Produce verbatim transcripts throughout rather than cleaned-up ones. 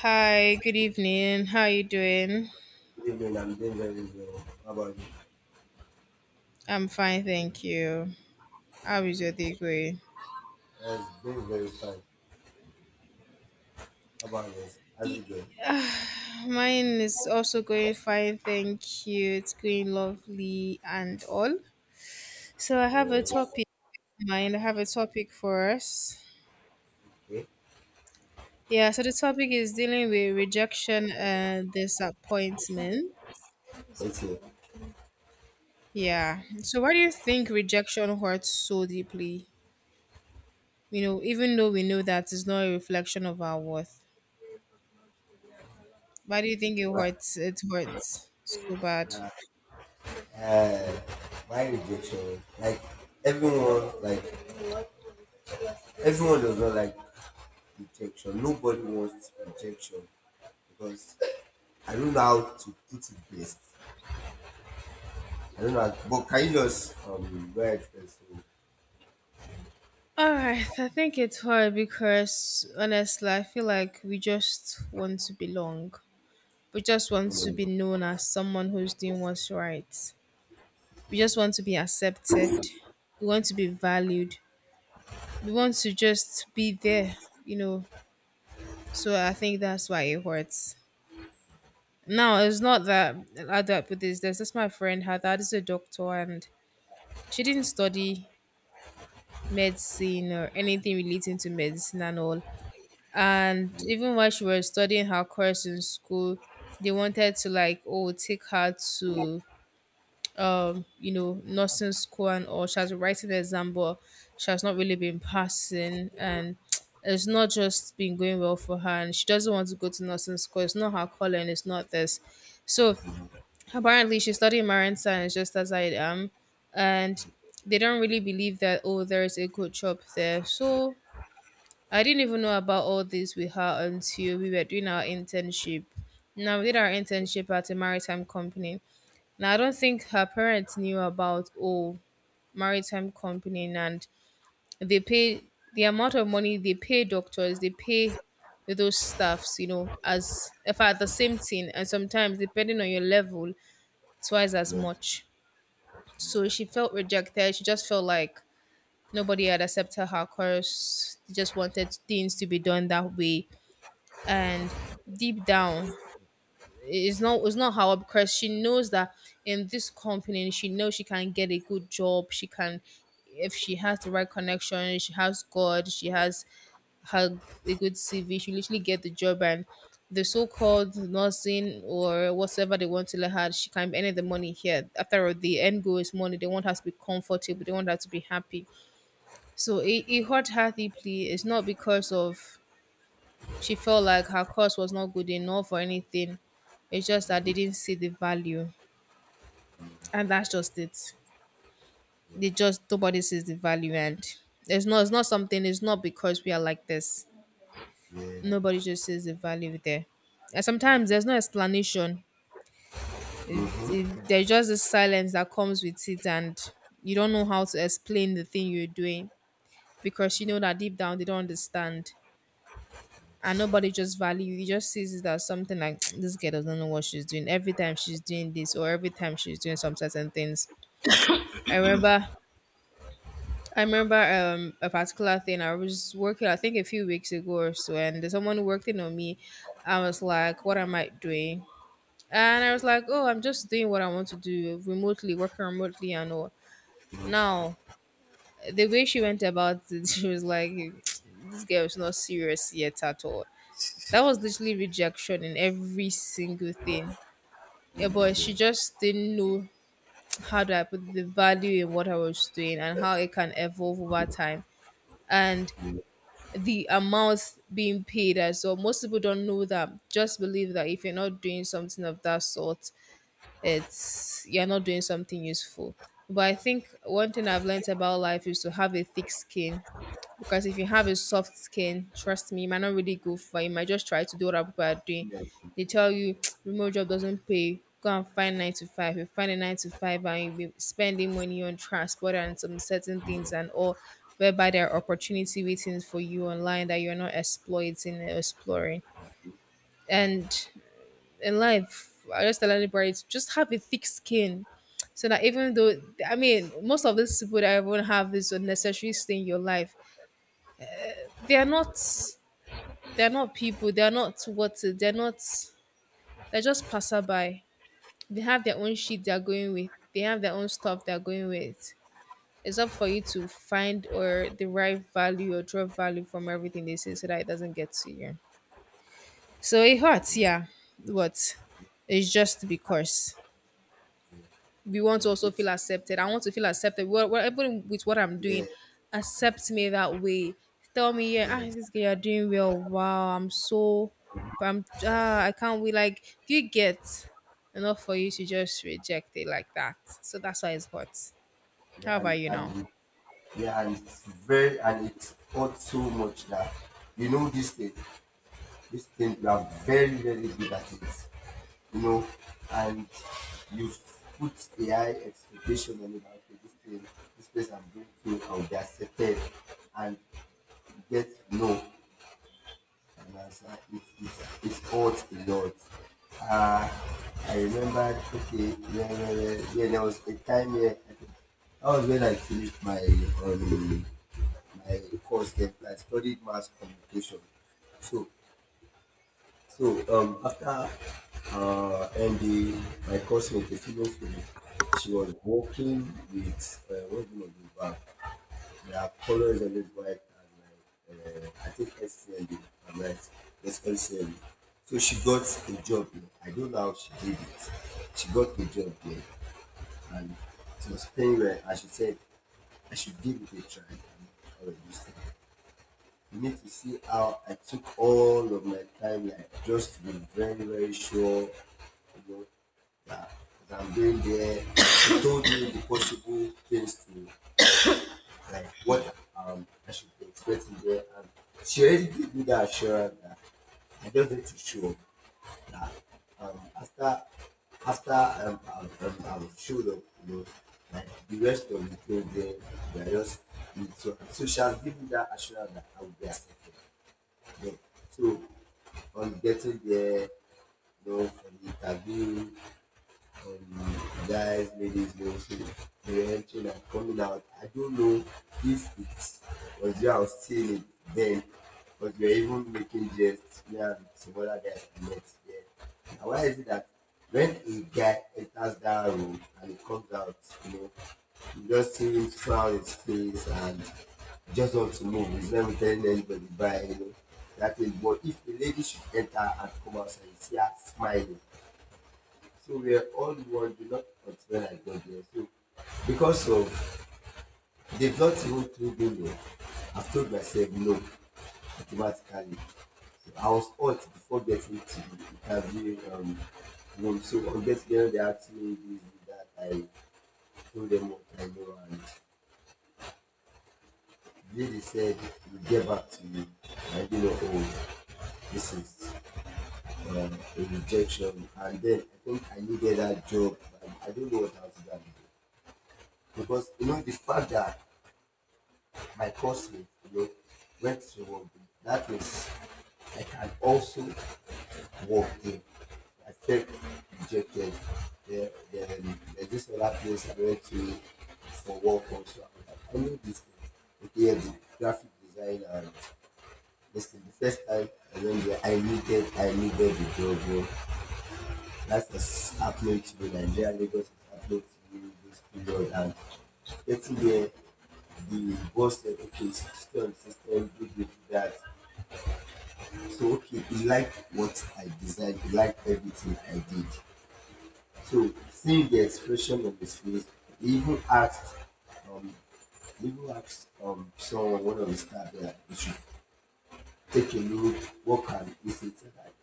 Hi, good evening. How are you doing? Good evening. I'm doing very well. How about you? I'm fine, thank you. How is your day going? Yes, doing very fine. How about you? How's Y- it going? ah, Mine is also going fine, thank you. It's going lovely and all. So I have a Uh, topic in mind. I have a topic for us. okay. Yeah, so the topic is dealing with rejection and disappointment. Okay. Yeah. So why do you think rejection hurts so deeply? You know, even though we know that it's not a reflection of our worth. Why do you think it Why, hurts? It hurts so bad. uh, uh, why rejection? Like everyone, like everyone does not like rejection. Nobody wants rejection because I don't know how to put it best. I don't know. How, but can you just um very first? All right, I think it's hard because honestly, I feel like we just want to belong. We just want Yeah, to be known as someone who's doing what's right. We just want to be accepted. We want to be valued. We want to just be there, you know. So I think that's why it hurts. Now, it's not that I up with this. There's just my friend, her dad is a doctor, and she didn't study medicine or anything relating to medicine and all. And even while she was studying her course in school, they wanted to like oh take her to um you know nursing school and all. She has been writing the exam, but she has not really been passing and. It's not just been going well for her, and she doesn't want to go to nursing school. It's not her calling. It's not this. So apparently she studied marine science just as I am, and they don't really believe that oh there's a good job there. So I didn't even know about all this with her until we were doing our internship. Now we did our internship at a maritime company. Now I don't think her parents knew about oh maritime company and they pay the amount of money they pay doctors, they pay those staffs, you know, as if at the same thing and sometimes depending on your level, twice as much. So she felt rejected. She just felt like nobody had accepted her course. She just wanted things to be done that way. And deep down, it's not it's not how because she knows that in this company, she knows she can get a good job. She can if she has the right connection, she has God, she has had a good C V she literally get the job and the so-called nursing or whatever they want to let her, she can earn the money here. After all, the end goal is money. They want her to be comfortable. They want her to be happy. So it, it hurt her deeply. It's not because of she felt like her course was not good enough or anything. It's just that they didn't see the value. And that's just it. yeah, They just nobody sees the value and it's not it's not something it's not because we are like this. yeah. Nobody just sees the value there. And And sometimes it- there's no explanation. It- Mhm. it- There's just this silence that comes with it, and you don't know how to explain the thing you're doing because you know that deep down they don't understand. And nobody just value. You just sees it as something like this girl doesn't know what she's doing. Every time she's doing this, or every time she's doing some certain things. I remember I remember um a particular thing. I was working, I think a few weeks ago or so, and someone working on me. I was like, what am I doing? And I was like, oh, I'm just doing what I want to do remotely, working remotely and all. Now, the way she went about it, she was like, this girl is not serious yet at all. That was literally rejection in every single thing. Yeah, but she just didn't know how do I put the value in what I was doing and how it can evolve over time. And the amount being paid as well. Most people don't know that. Just believe that if you're not doing something of that sort, it's you're not doing something useful. But I think one thing I've learned about life is to have a thick skin. Because if you have a soft skin, trust me, you might not really go for it. You might just try to do what other people are doing. Yeah. They tell you remote job doesn't pay. Go and find nine to five. You find a nine to five and you'll be spending money on transport and some certain things and all whereby there are opportunity waiting for you online that you're not exploiting and exploring. And in life, I just tell anybody to just have a thick skin. So that even though I mean most of these people that everyone have this unnecessary thing in your life, they are not they are not people, they are not what they're not they're just passerby. They have their own shit they're going with. They have their own stuff they're going with. It's up for you to find or derive value or draw value from everything they say so that it doesn't get to you. So it hurts, yeah. What? It's just because we want and to also it's feel accepted. I want to feel accepted. Well, well, even with what I'm yeah, doing, accept me that way. Tell me, yeah, yeah, ah, this girl, you're doing well. Wow, I'm so, I'm, ah, I can't wait. Like, do you get enough for you to just reject it like that? So that's why it's hot. yeah, How and about you now? and yeah, and it's very and it hurt so much that you know this thing, this thing you are very very good at it, you know, and you've put a high expectation on it. that, Okay, this thing, this place I'm going to, I'll be accepted, and you get no. and I was like, it, it, it hurts a lot. Uh, I remember, okay, yeah, yeah, yeah, yeah, there was a time where I think that was when I finished my um, my course then. I studied mass communication. So, so um, After uh, ending my course with a female friend, she was working with uh, working on the bank. There are colors on it white and like uh, I think S C M B. Am right. It's S C M B. So she got a job. There. I don't know how she did it. She got the job there and it was paying well. And she said I should give it a try. And I was just like, you need to see how I took all of my time, like just to be very, very sure, you know, that, that I'm doing there. She told me the possible things to like what um I should be expecting there. And she already gave me that assurance that I just need to show that um after after um, um, um, um showed up, you know, like the rest of the program, we are just so so she has given me that assurance that I will be accepted. You know. So on getting there, you know, for the interview, um, guys, ladies, mostly who were entering and coming out. I don't know if it was you I was still then, but we were even making jests me and some other guys I met there. And why is it that when a guy enters that room and he comes out, you know, you just see him frown his face and just want to move. He's never telling anybody bye, you know. That is, but if a lady should enter and come outside, you see her smiling, so we are all one, do not consider like God here. So because of they've not even told me no, I've told myself no automatically. So I was hot before getting to the interview um, room. So on getting there, they asked me this, that. I told them what I know, and they, they said we'll get back to you. I didn't know. Oh, this is um, a rejection. And then I think I needed that job. And I don't know what else to do because you know the fact that my classmate, you know, went to rugby. That is, I can also walk in. I felt rejected. There, then there's this other place I went to for work also. I knew this thing. Okay, the graphic design and this thing. The first time I went there, I needed, I needed the job. That's the upload to the Nigeria Lagos is upload to this period and getting there the boss said okay system system do this do that so okay he liked what I designed he liked everything I did so seeing the expression on his face he even asked um he even asked um someone one of the staff there you should take a look what can he say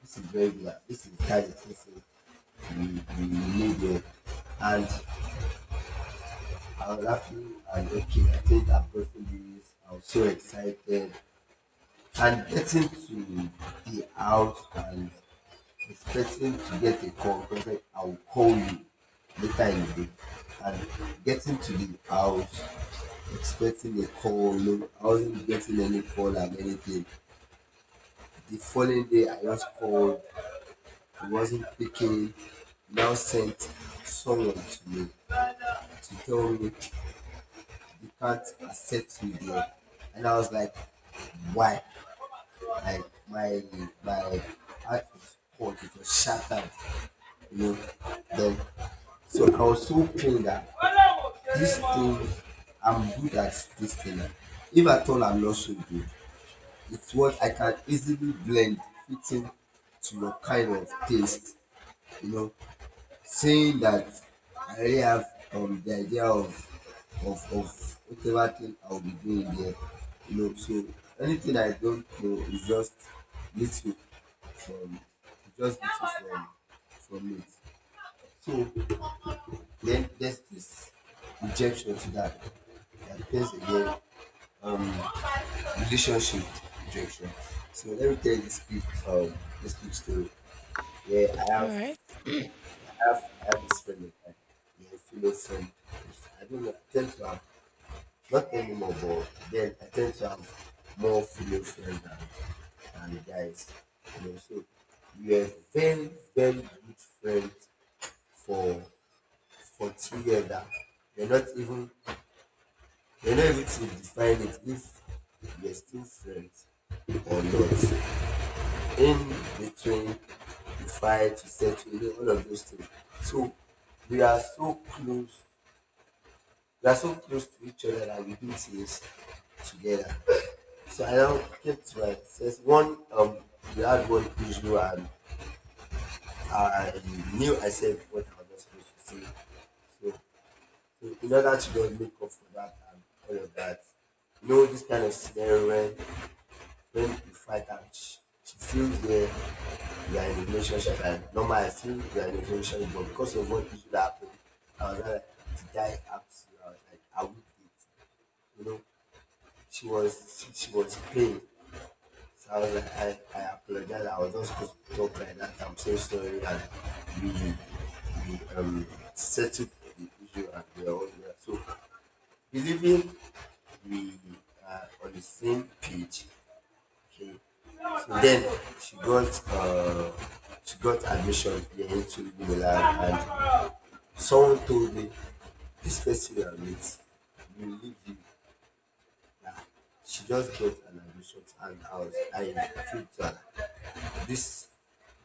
this is very good this is that this is the the need there and I was laughing and joking. I think I've am gotten this. I was so excited. And getting to the house and expecting to get a call because like, I'll call you later in the day. And getting to the house, expecting a call. No, I wasn't getting any call and anything. The following day, I just called. He wasn't picking. Now sent someone to me to tell me you can't accept me there. And I was like, why? Like my my heart was cold, it was shattered, you know. Then so I was so pained that this thing I'm good at this thing. If at all I'm not so good, it's what I can easily blend fitting to your kind of taste, you know saying that I really have um, the idea of of of whatever thing I'll be doing there, you know. So anything I don't know is just little from just little from from it. So then there's this rejection to that. That depends again in relationship rejection. So let me tell you this quick um this quick story. Yeah, I All have right. have I have this friend of mine. He feels some I don't know, I tend to have not anymore but then I tend to have more female friends than than the guys. You know, so we were very, very good friends for for two years that we're not even we're not able to define it if we're still friends or not. In between the fight, to settle, all of those things. So we are so close we are so close to each other that we do things together. So I now kept to myself. One, um, we had one issue, and I knew I said what I was not supposed to say. So, so in order to not make up for that and all of that, you know, this kind of scenario when when you fight and she, she feels there, you are in a relationship, and normally I feel you are in a relationship, but because of what issue that happened, I was not like, the guy asked you, I was like, I would date, you know. She was she was pain. So I was like, I, I apologize. I was not supposed to talk like that. I'm so sorry. And we we um settled the issue and we are all there. So believing we are on the same page. Okay. So then she got uh she got admission into the lab and someone told me this person you are with will leave you she just got an admission and I was I proved her this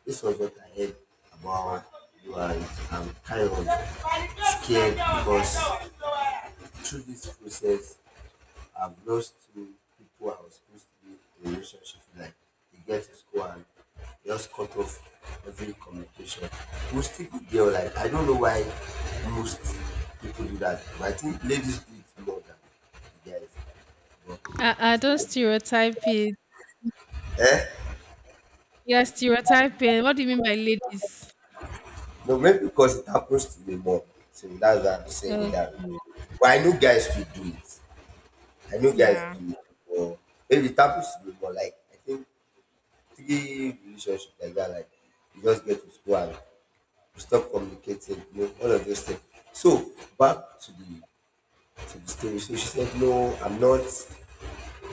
this was what I heard about you and I'm kind of scared because through this process I've lost two people I was supposed to be in a relationship with. Like, you get to school and just cut off every communication. We still the girl. Like, I don't know why most people do that. But I think ladies do it more than guys. But I, I'm I don't still, stereotype it. Yeah, stereotyping. What do you mean by ladies? no, maybe because it happens to me more. So that's why I'm saying it Oh, that way. But I know guys to do it. I know guys yeah. do it. Or maybe it happens to me more. Like I think three relationships like that. Like you just get to school and stop communicating, you know, all of those things. So back to the to the story. So she said, no, I'm not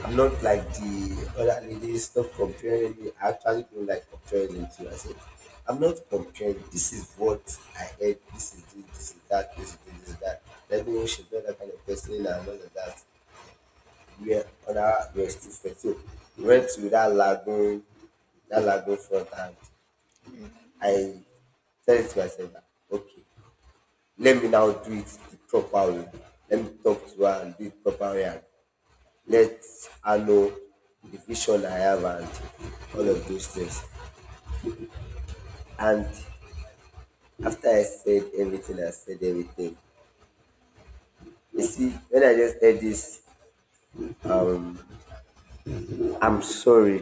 I'm not like the other ladies, stop comparing me. I actually don't like comparing them to I said, I'm not comparing. This is what I heard, this is this, this is that, this is this, this is that. Let me know she's not that kind of person and all of that. We are other we're still friends. So we went to that lagoon, that lagoon front and I said to myself okay let me now do it the proper way let me talk to her and do it properly and let her know the vision I have and all of those things and after I said everything I said everything you see when I just said this um I'm sorry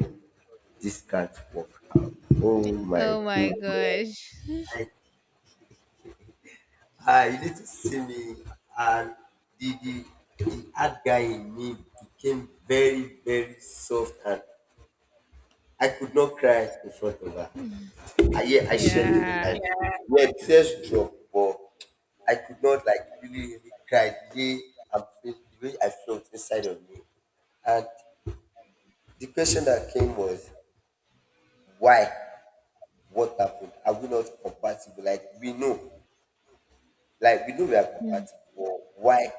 this can't work out oh my Oh my goodness gosh. I ah you need to see me and the the the hard guy in me became very very soft and I could not cry in front of her. I, yeah, I shed the Yeah. like yeah. Yeah, tears dropped, but I could not like really, really cry the way I feel, the way I felt inside of me. And the question that came was, why? What happened? Are we not compatible? Like we know, like we know we are compatible, but why?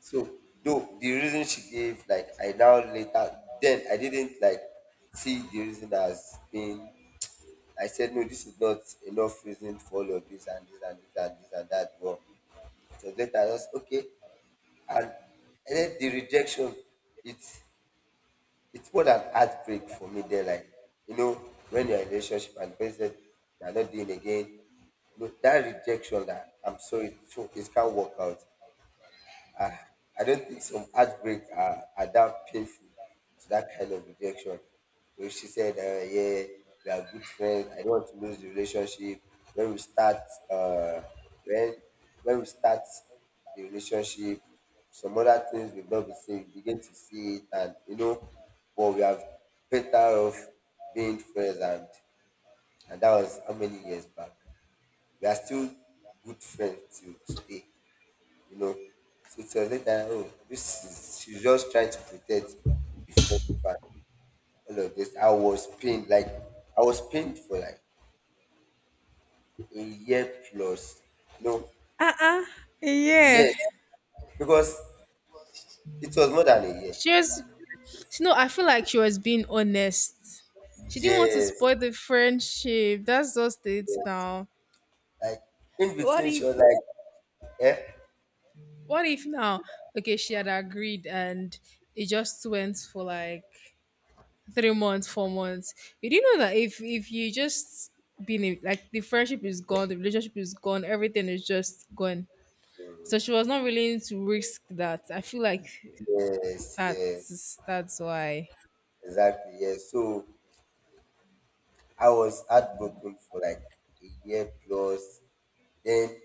So though the reason she gave, like I now later then I didn't like see the reason as being I said, no, this is not enough reason for all of this and this and this and this and that. But so was later, I was okay. And, and then the rejection, it's it's more than heartbreak for me. There, like, you know, when you're in a relationship and the person said, you're not doing again, no, that rejection that I'm sorry, so it can't work out. I, I don't think some heartbreak are, are that painful to that kind of rejection. When she said, uh, yeah, we are good friends. I don't want to lose the relationship. When we start, uh, when when we start the relationship, some other things will not be seen. We begin to see it, and you know, But we have better off being friends. And and that was how many years back. We are still good friends till today you know. So it was later, oh, this is she's just trying to protect the friendship and all of this. I was pained, like I was pained for like a year plus. No, Uh uh Yeah. yes, because it was more than a year. She was She know, I feel like she was being honest. She didn't want to Yes, spoil the friendship. That's just it yes. now. Like in What between she if was like, eh? what if now? Okay, she had agreed and it just went for like three months, four months. You didn't know that if if you just been in, like the friendship is gone, the relationship is gone, everything is just gone. So she was not willing to risk that. I feel like Yes, yes, that's that's why. exactly, yes. So I was heartbroken for like a year plus. Then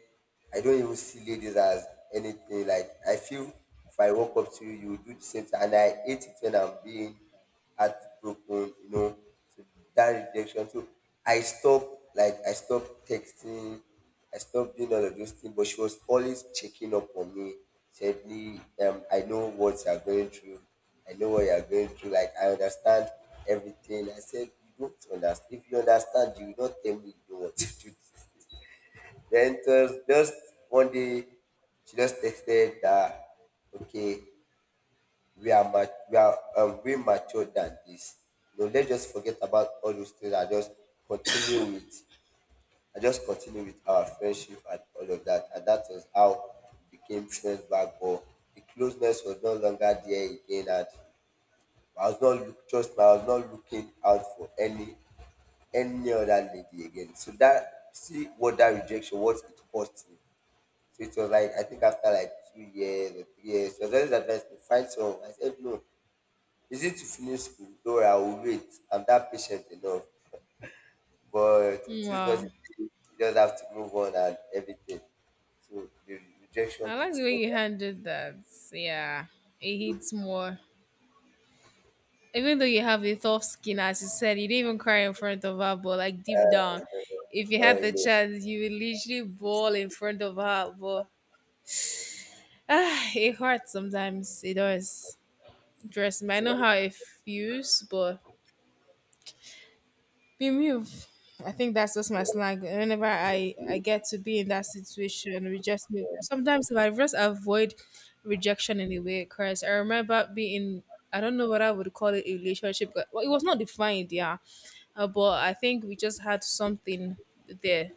I don't even see ladies as anything. Like I feel if I walk up to you, you will do the same thing. And I hate it when I'm being heartbroken, you know, So that rejection. So I stopped, like I stopped texting, I stopped doing all of those things. But she was always checking up on me. Said me, um, I know what you're going through. I know what you're going through. Like I understand everything. I said, you don't understand. If you understand, you will not tell me you don't want to do this. Then just, just one day, she just texted that, okay, we are mat- we are um, way matured than this. You know, let's just forget about all those things and just continue with, and just continue with our friendship and all of that. And that was how we became friends back. But the closeness was no longer there again. And I was not look, trust me, I was not looking out for any any other lady again. So that see what that rejection, what it cost me. So it was like I think after like two years or three years, she was always advised me find someone. I said no, is it to finish school? No, I will wait. I'm that patient enough. But it is what it Wow. is. You just have to move on and everything. So the rejection I like it's the way over. you handled that. Yeah, it hits more. Even though you have a tough skin, as you said, you didn't even cry in front of her, but like deep down, if you Uh, had the yeah. chance, you would literally bawl in front of her. But ah, it hurts sometimes. It does. Trust me, I know So, how it feels, but be moved. I think that's just my slang. Whenever I I get to be in that situation, we just move. Sometimes if I just avoid rejection in a way, because I remember being I don't know what I would call it a relationship. but- Well, it was not defined, yeah, uh, but I think we just had something there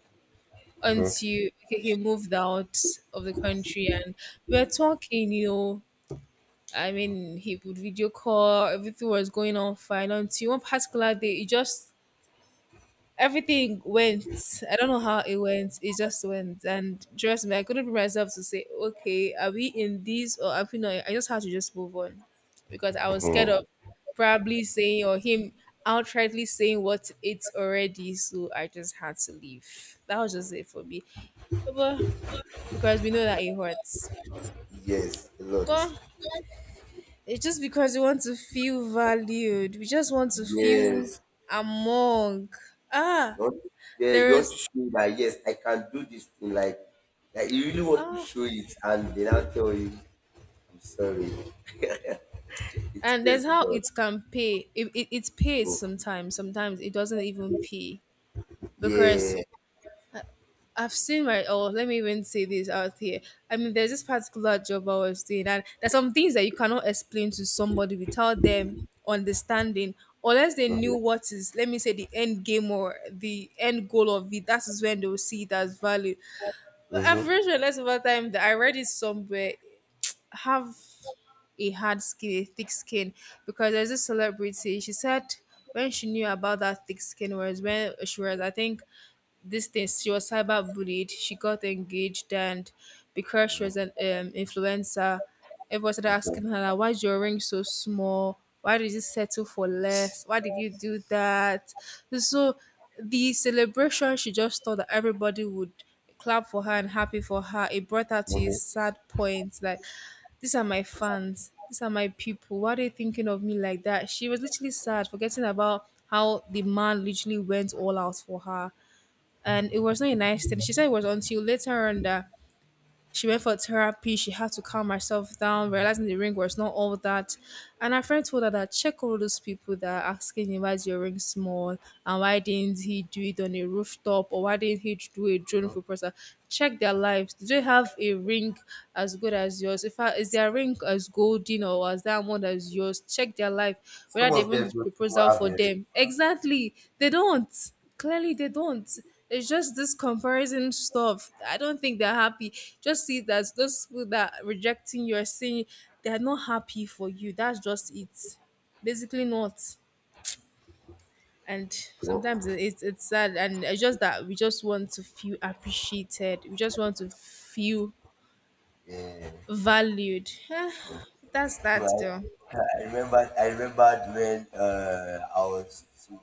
until he he moved out of the country and we were talking, you know. I mean, he would video call, everything was going on fine until one particular day, he just everything went. I don't know how it went. It just went. And trust me, I couldn't bring myself to say, okay, are we in this or are we not? I just had to just move on because I was scared of probably saying or him outrightly saying what it's already. So I just had to leave. That was just it for me. But because we know that it hurts. yes, a But lot. it's just because we want to feel valued. We just want to feel Yes. among. Ah, You want to, yeah, there you want to is. show that yes, I can do this thing. Like, like you really want to Ah, show it, and they now tell you, I'm sorry. It and there's says how a lot. it can pay it, it, it pays So, sometimes sometimes it doesn't even pay yeah. because I've seen my oh let me even say this out here. I mean, there's this particular job I was doing and there's some things that you cannot explain to somebody without them understanding unless they Mm-hmm. knew what is, let me say, the end game or the end goal of it. That is when they will see it as value. But I've Mm-hmm. realized over time that I read it somewhere, have a hard skin, a thick skin, because there's a celebrity. She said when she knew about that thick skin was when she was, I think, these things. She was cyberbullied. She got engaged, and because she was an um, influencer, everyone started asking her, like, "Why's your ring so small? Why did you settle for less? Why did you do that?" So the celebration, she just thought that everybody would clap for her and happy for her. It brought her to a Okay. Hmm. sad point, like these are my fans, these are my people, why are they thinking of me like that. She was literally sad, forgetting about how the man literally went all out for her, and it was not a nice thing. She said it was until later on that she went for therapy. She had to calm herself down, realizing the ring was not all that. And her friend told her that check all those people that are asking him why is your ring small and why didn't he do it on a rooftop or why didn't he do a drone proposal. Check their lives. Do they have a ring as good as yours? If I, is their ring as golden or as diamond as yours? Check their life. Some Whether they of even them did those people proposal have for their own. them. Exactly. They don't, clearly they don't. It's just this comparison stuff. I don't think they're happy. Just see that those people that are rejecting you are saying they're not happy for you. That's just it, basically. Not. And So, sometimes it- it's it's sad, and it's just that we just want to feel appreciated, we just want to feel yeah. valued. That's that Well, though. I remember I remembered when uh, I was to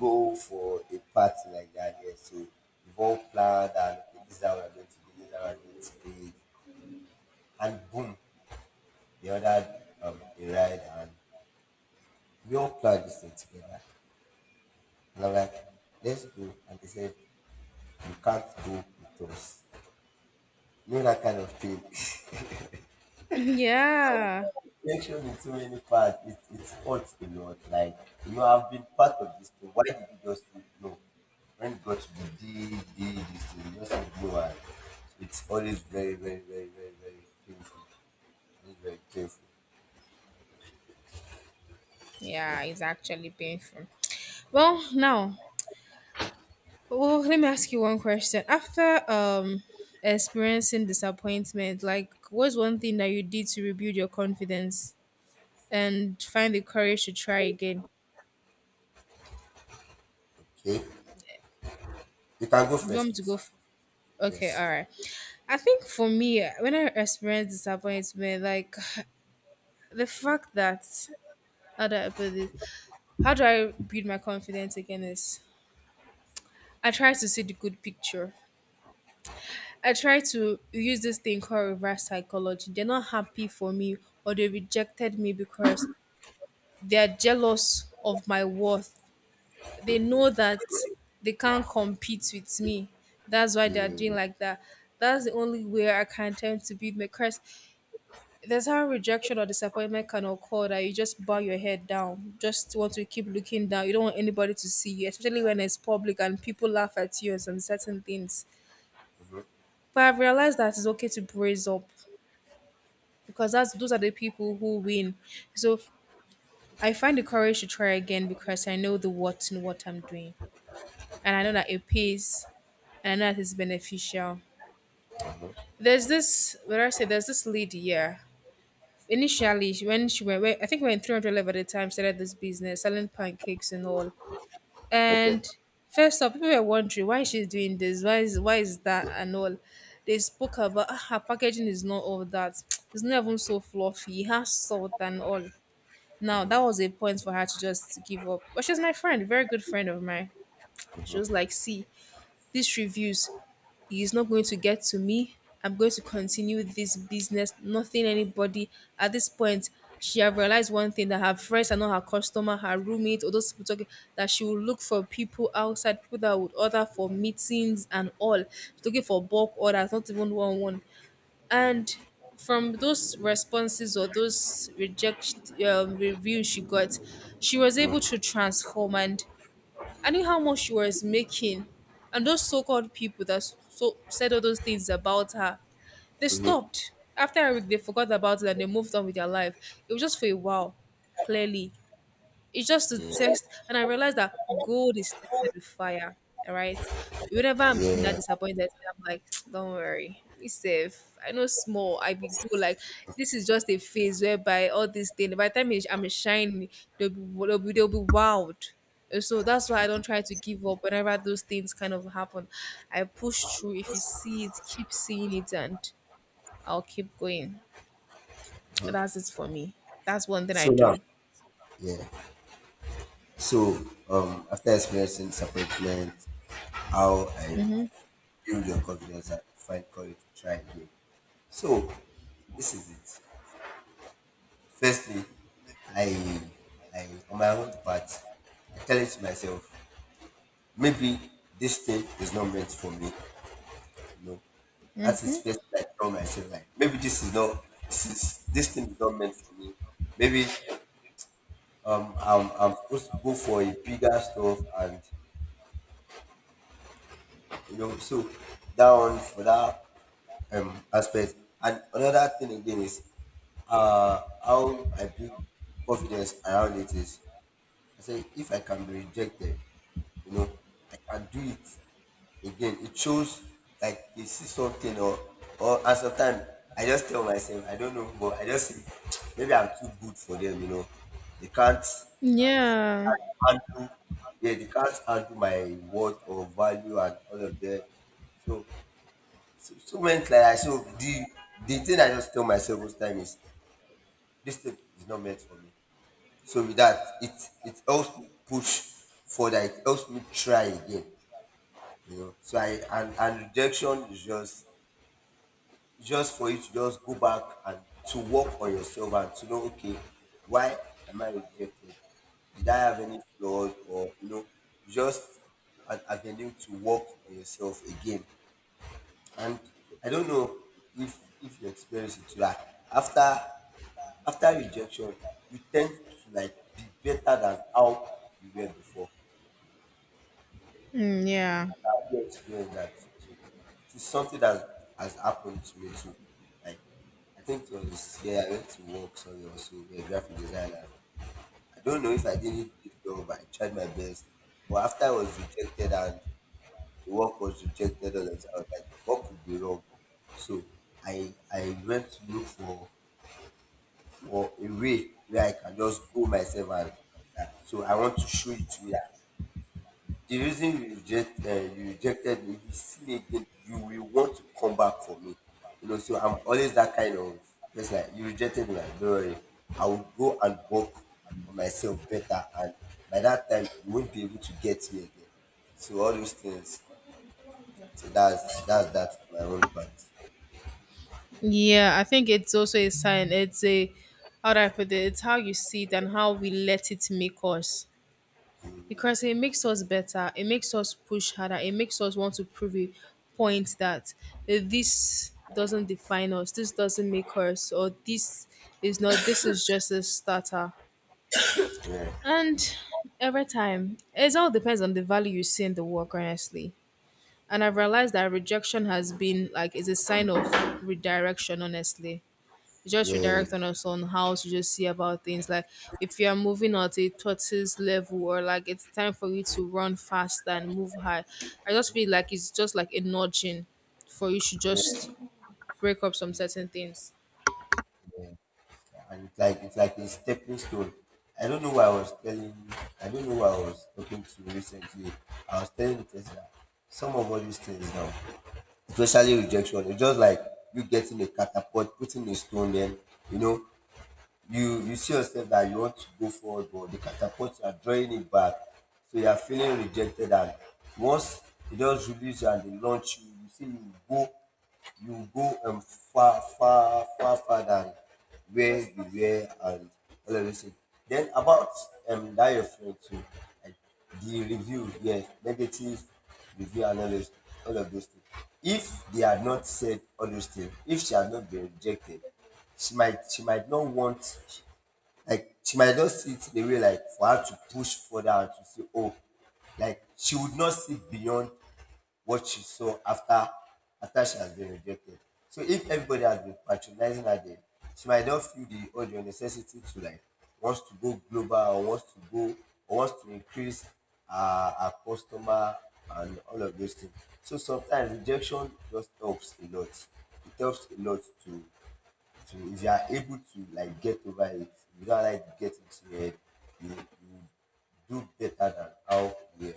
go for a party like that, yeah. So we've all planned and okay, this is how we're going to do, this is how we're going to do it. And boom, they ordered um a ride and we all planned this thing together. And I'm like, let's go. And they said, you can't go because you know that kind of thing. Yeah. Rejection in so many parts. It it hurts a lot. Like you know, I've been part of this thing. Why did you just say no? When God got to the this thing, you just said no. And it's always very, very, very, very, very painful. Very, very painful. Yeah, it's actually painful. Well, now. Well, let me ask you one question. After um experiencing disappointment, like what's one thing that you did to rebuild your confidence and find the courage to try again? Okay, you can go You want first, me to go? please. F- okay, Yes. all right. I think for me, when I experience disappointment, like, the fact that, how do I put this? How do I build my confidence again? Is I try to see the good picture. I try to use this thing called reverse psychology. They're not happy for me or they rejected me because they are jealous of my worth. They know that they can't compete with me. That's why Yeah. they are Mm-hmm. doing like that. That's the only way I can tend to build my crest. There's how rejection or disappointment can occur that you just bow your head down, just want to keep looking down. You don't want anybody to see you, especially when it's public and people laugh at you on certain things. But I've realized that it's okay to brace up, because that's those are the people who win. So I find the courage to try again because I know the what and what I'm doing. And I know that it pays and I know that it's beneficial. There's this, what do I say, there's this lady, yeah. Initially, she- when she went, when- I think when three hundred Live at the time started this business, selling pancakes and all. Okay. And first off, people were wondering why she's doing this, why is, why is that and all. They spoke about "Ah, her packaging is not all that. It's not even so fluffy. It has salt and all." Now, that was a point for her to just give up. But she's my friend, very good friend of mine. She was like, Mm-hmm. see, these reviews, he's not going to get to me. I'm going to continue this business. Nothing, anybody. At this point, she have realized one thing that her friends are not her customer, her roommate, or those people talking. That she will look for people outside, people that would order for meetings and all. She's looking for bulk orders, not even one one. And from those responses or those reject um, reviews she got, she was able Mm-hmm. to transform. And I knew how much she was making. And those so called people that so said all those things about her, they Mm-hmm. stopped. After a week, they forgot about it and they moved on with their life. It was just for a while, clearly. It's just to Yeah. test, and I realized that gold is tested with fire. All right, whenever I'm that Yeah. disappointed, I'm like, don't worry, it's safe. I know small, I be good. Like, this is just a phase whereby all this thing. By the time it's- I'm shining, they'll be they'll be, they'll be wild. And so that's why I don't try to give up whenever those things kind of happen. I push through. If you see it, keep seeing it, and I'll keep going. That's it for me. That's one thing I So now, do. yeah. So um, after experiencing disappointment, how I build your confidence and find courage to try again. So this is it. Firstly, I I on my own part, I tell it to myself, maybe this thing is not meant for me. You know, that is first thing I tell myself like maybe this is not this is this thing is not meant for me. Maybe um I'm I'm supposed to go for a bigger stuff and you know so down for that um, aspect. And another thing again is uh, how I build confidence around it is I say if I can be rejected, you know, I can do it again. It shows like they see something or or and sometimes I just tell myself I don't know, but I just say maybe I'm too good for them, you know. They can't like Yeah. can't handle yeah, they can't handle my worth or value and all of that. So so so many like I so the the thing I just tell myself most time is this thing is not meant for me. So with that, it it helps me push further. It helps me try again. You know. So I and and rejection is just just for you to just go back and to work on yourself and to know okay why am I rejected? Did I have any flaws or you know just an avenue to work on yourself again. And I don't know if if you experience it too. Like after after rejection, you tend to like be better than how you were before. Mm, yeah. I've experienced that before. So it is something that has happened to me too. Like I think it was yeah, I went to work somewhere also, a graphic designer. I don't know if I did it good but I tried my best. But after I was rejected and the work was rejected all the time, I was like, what could be wrong? So I I went to look for or a way where I can just go myself and that. So I want to show it to you that the reason you reject uh, you rejected me, if you see me again, you will want to come back for me. You know, so I'm always that kind of just like you rejected me, like, don't worry. I will go and work on myself better and by that time you won't be able to get me again. So all those things. So that's that's that for my own part. Yeah, I think it's also a sign. It's a, how do I put it? It's how you see it and how we let it make us. Because it makes us better, it makes us push harder, it makes us want to prove a point that, eh, this doesn't define us, this doesn't make us, or this is not, this is just a starter. Yeah. And every time it all depends on the value you see in the work, honestly. And I've realized that rejection has been like is a sign of redirection, honestly. It just Yeah. redirect on us on how to just see about things. Like if you are moving at a tortoise level or like it's time for you to run fast and move high. I just feel like it's just like a nudging for you to Yeah. just break up some certain things. Yeah, and it's like it's like a stepping stone. I don't know why I was telling I don't know why I was talking to recently. I was telling the person that some of all these things now, especially rejection, it's just like you getting a catapult, putting a stone then, you know, you you see yourself that you want to go forward but the catapult you are drawing it back so you are feeling rejected and once it does release you and they launch you you see you go you go um, far far far far than where you were and all of this thing. Then about um that your friend too, I the review, yes, negative review and all those, all of those things. If they had not said all those things, if she had not been rejected, she might she might not want like she might just see it in a way like for her to push further and to say, oh, like she would not see beyond what she saw after after she has been rejected. So if everybody has been patronizing her then, she might not feel the urge or necessity to like wants to go global or wants to go or wants to increase her, her customer and all of those things. So sometimes rejection just helps a lot. It helps a lot to to if you are able to like get over it, if you don't like get into it. you, you do better than how you were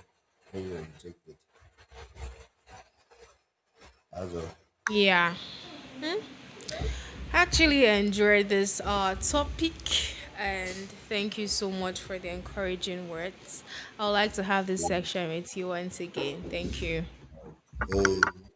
when you were rejected. That's Yeah. Actually enjoyed this uh topic and thank you so much for the encouraging words. I would like to have this all. section with you once again. Thank you. Um,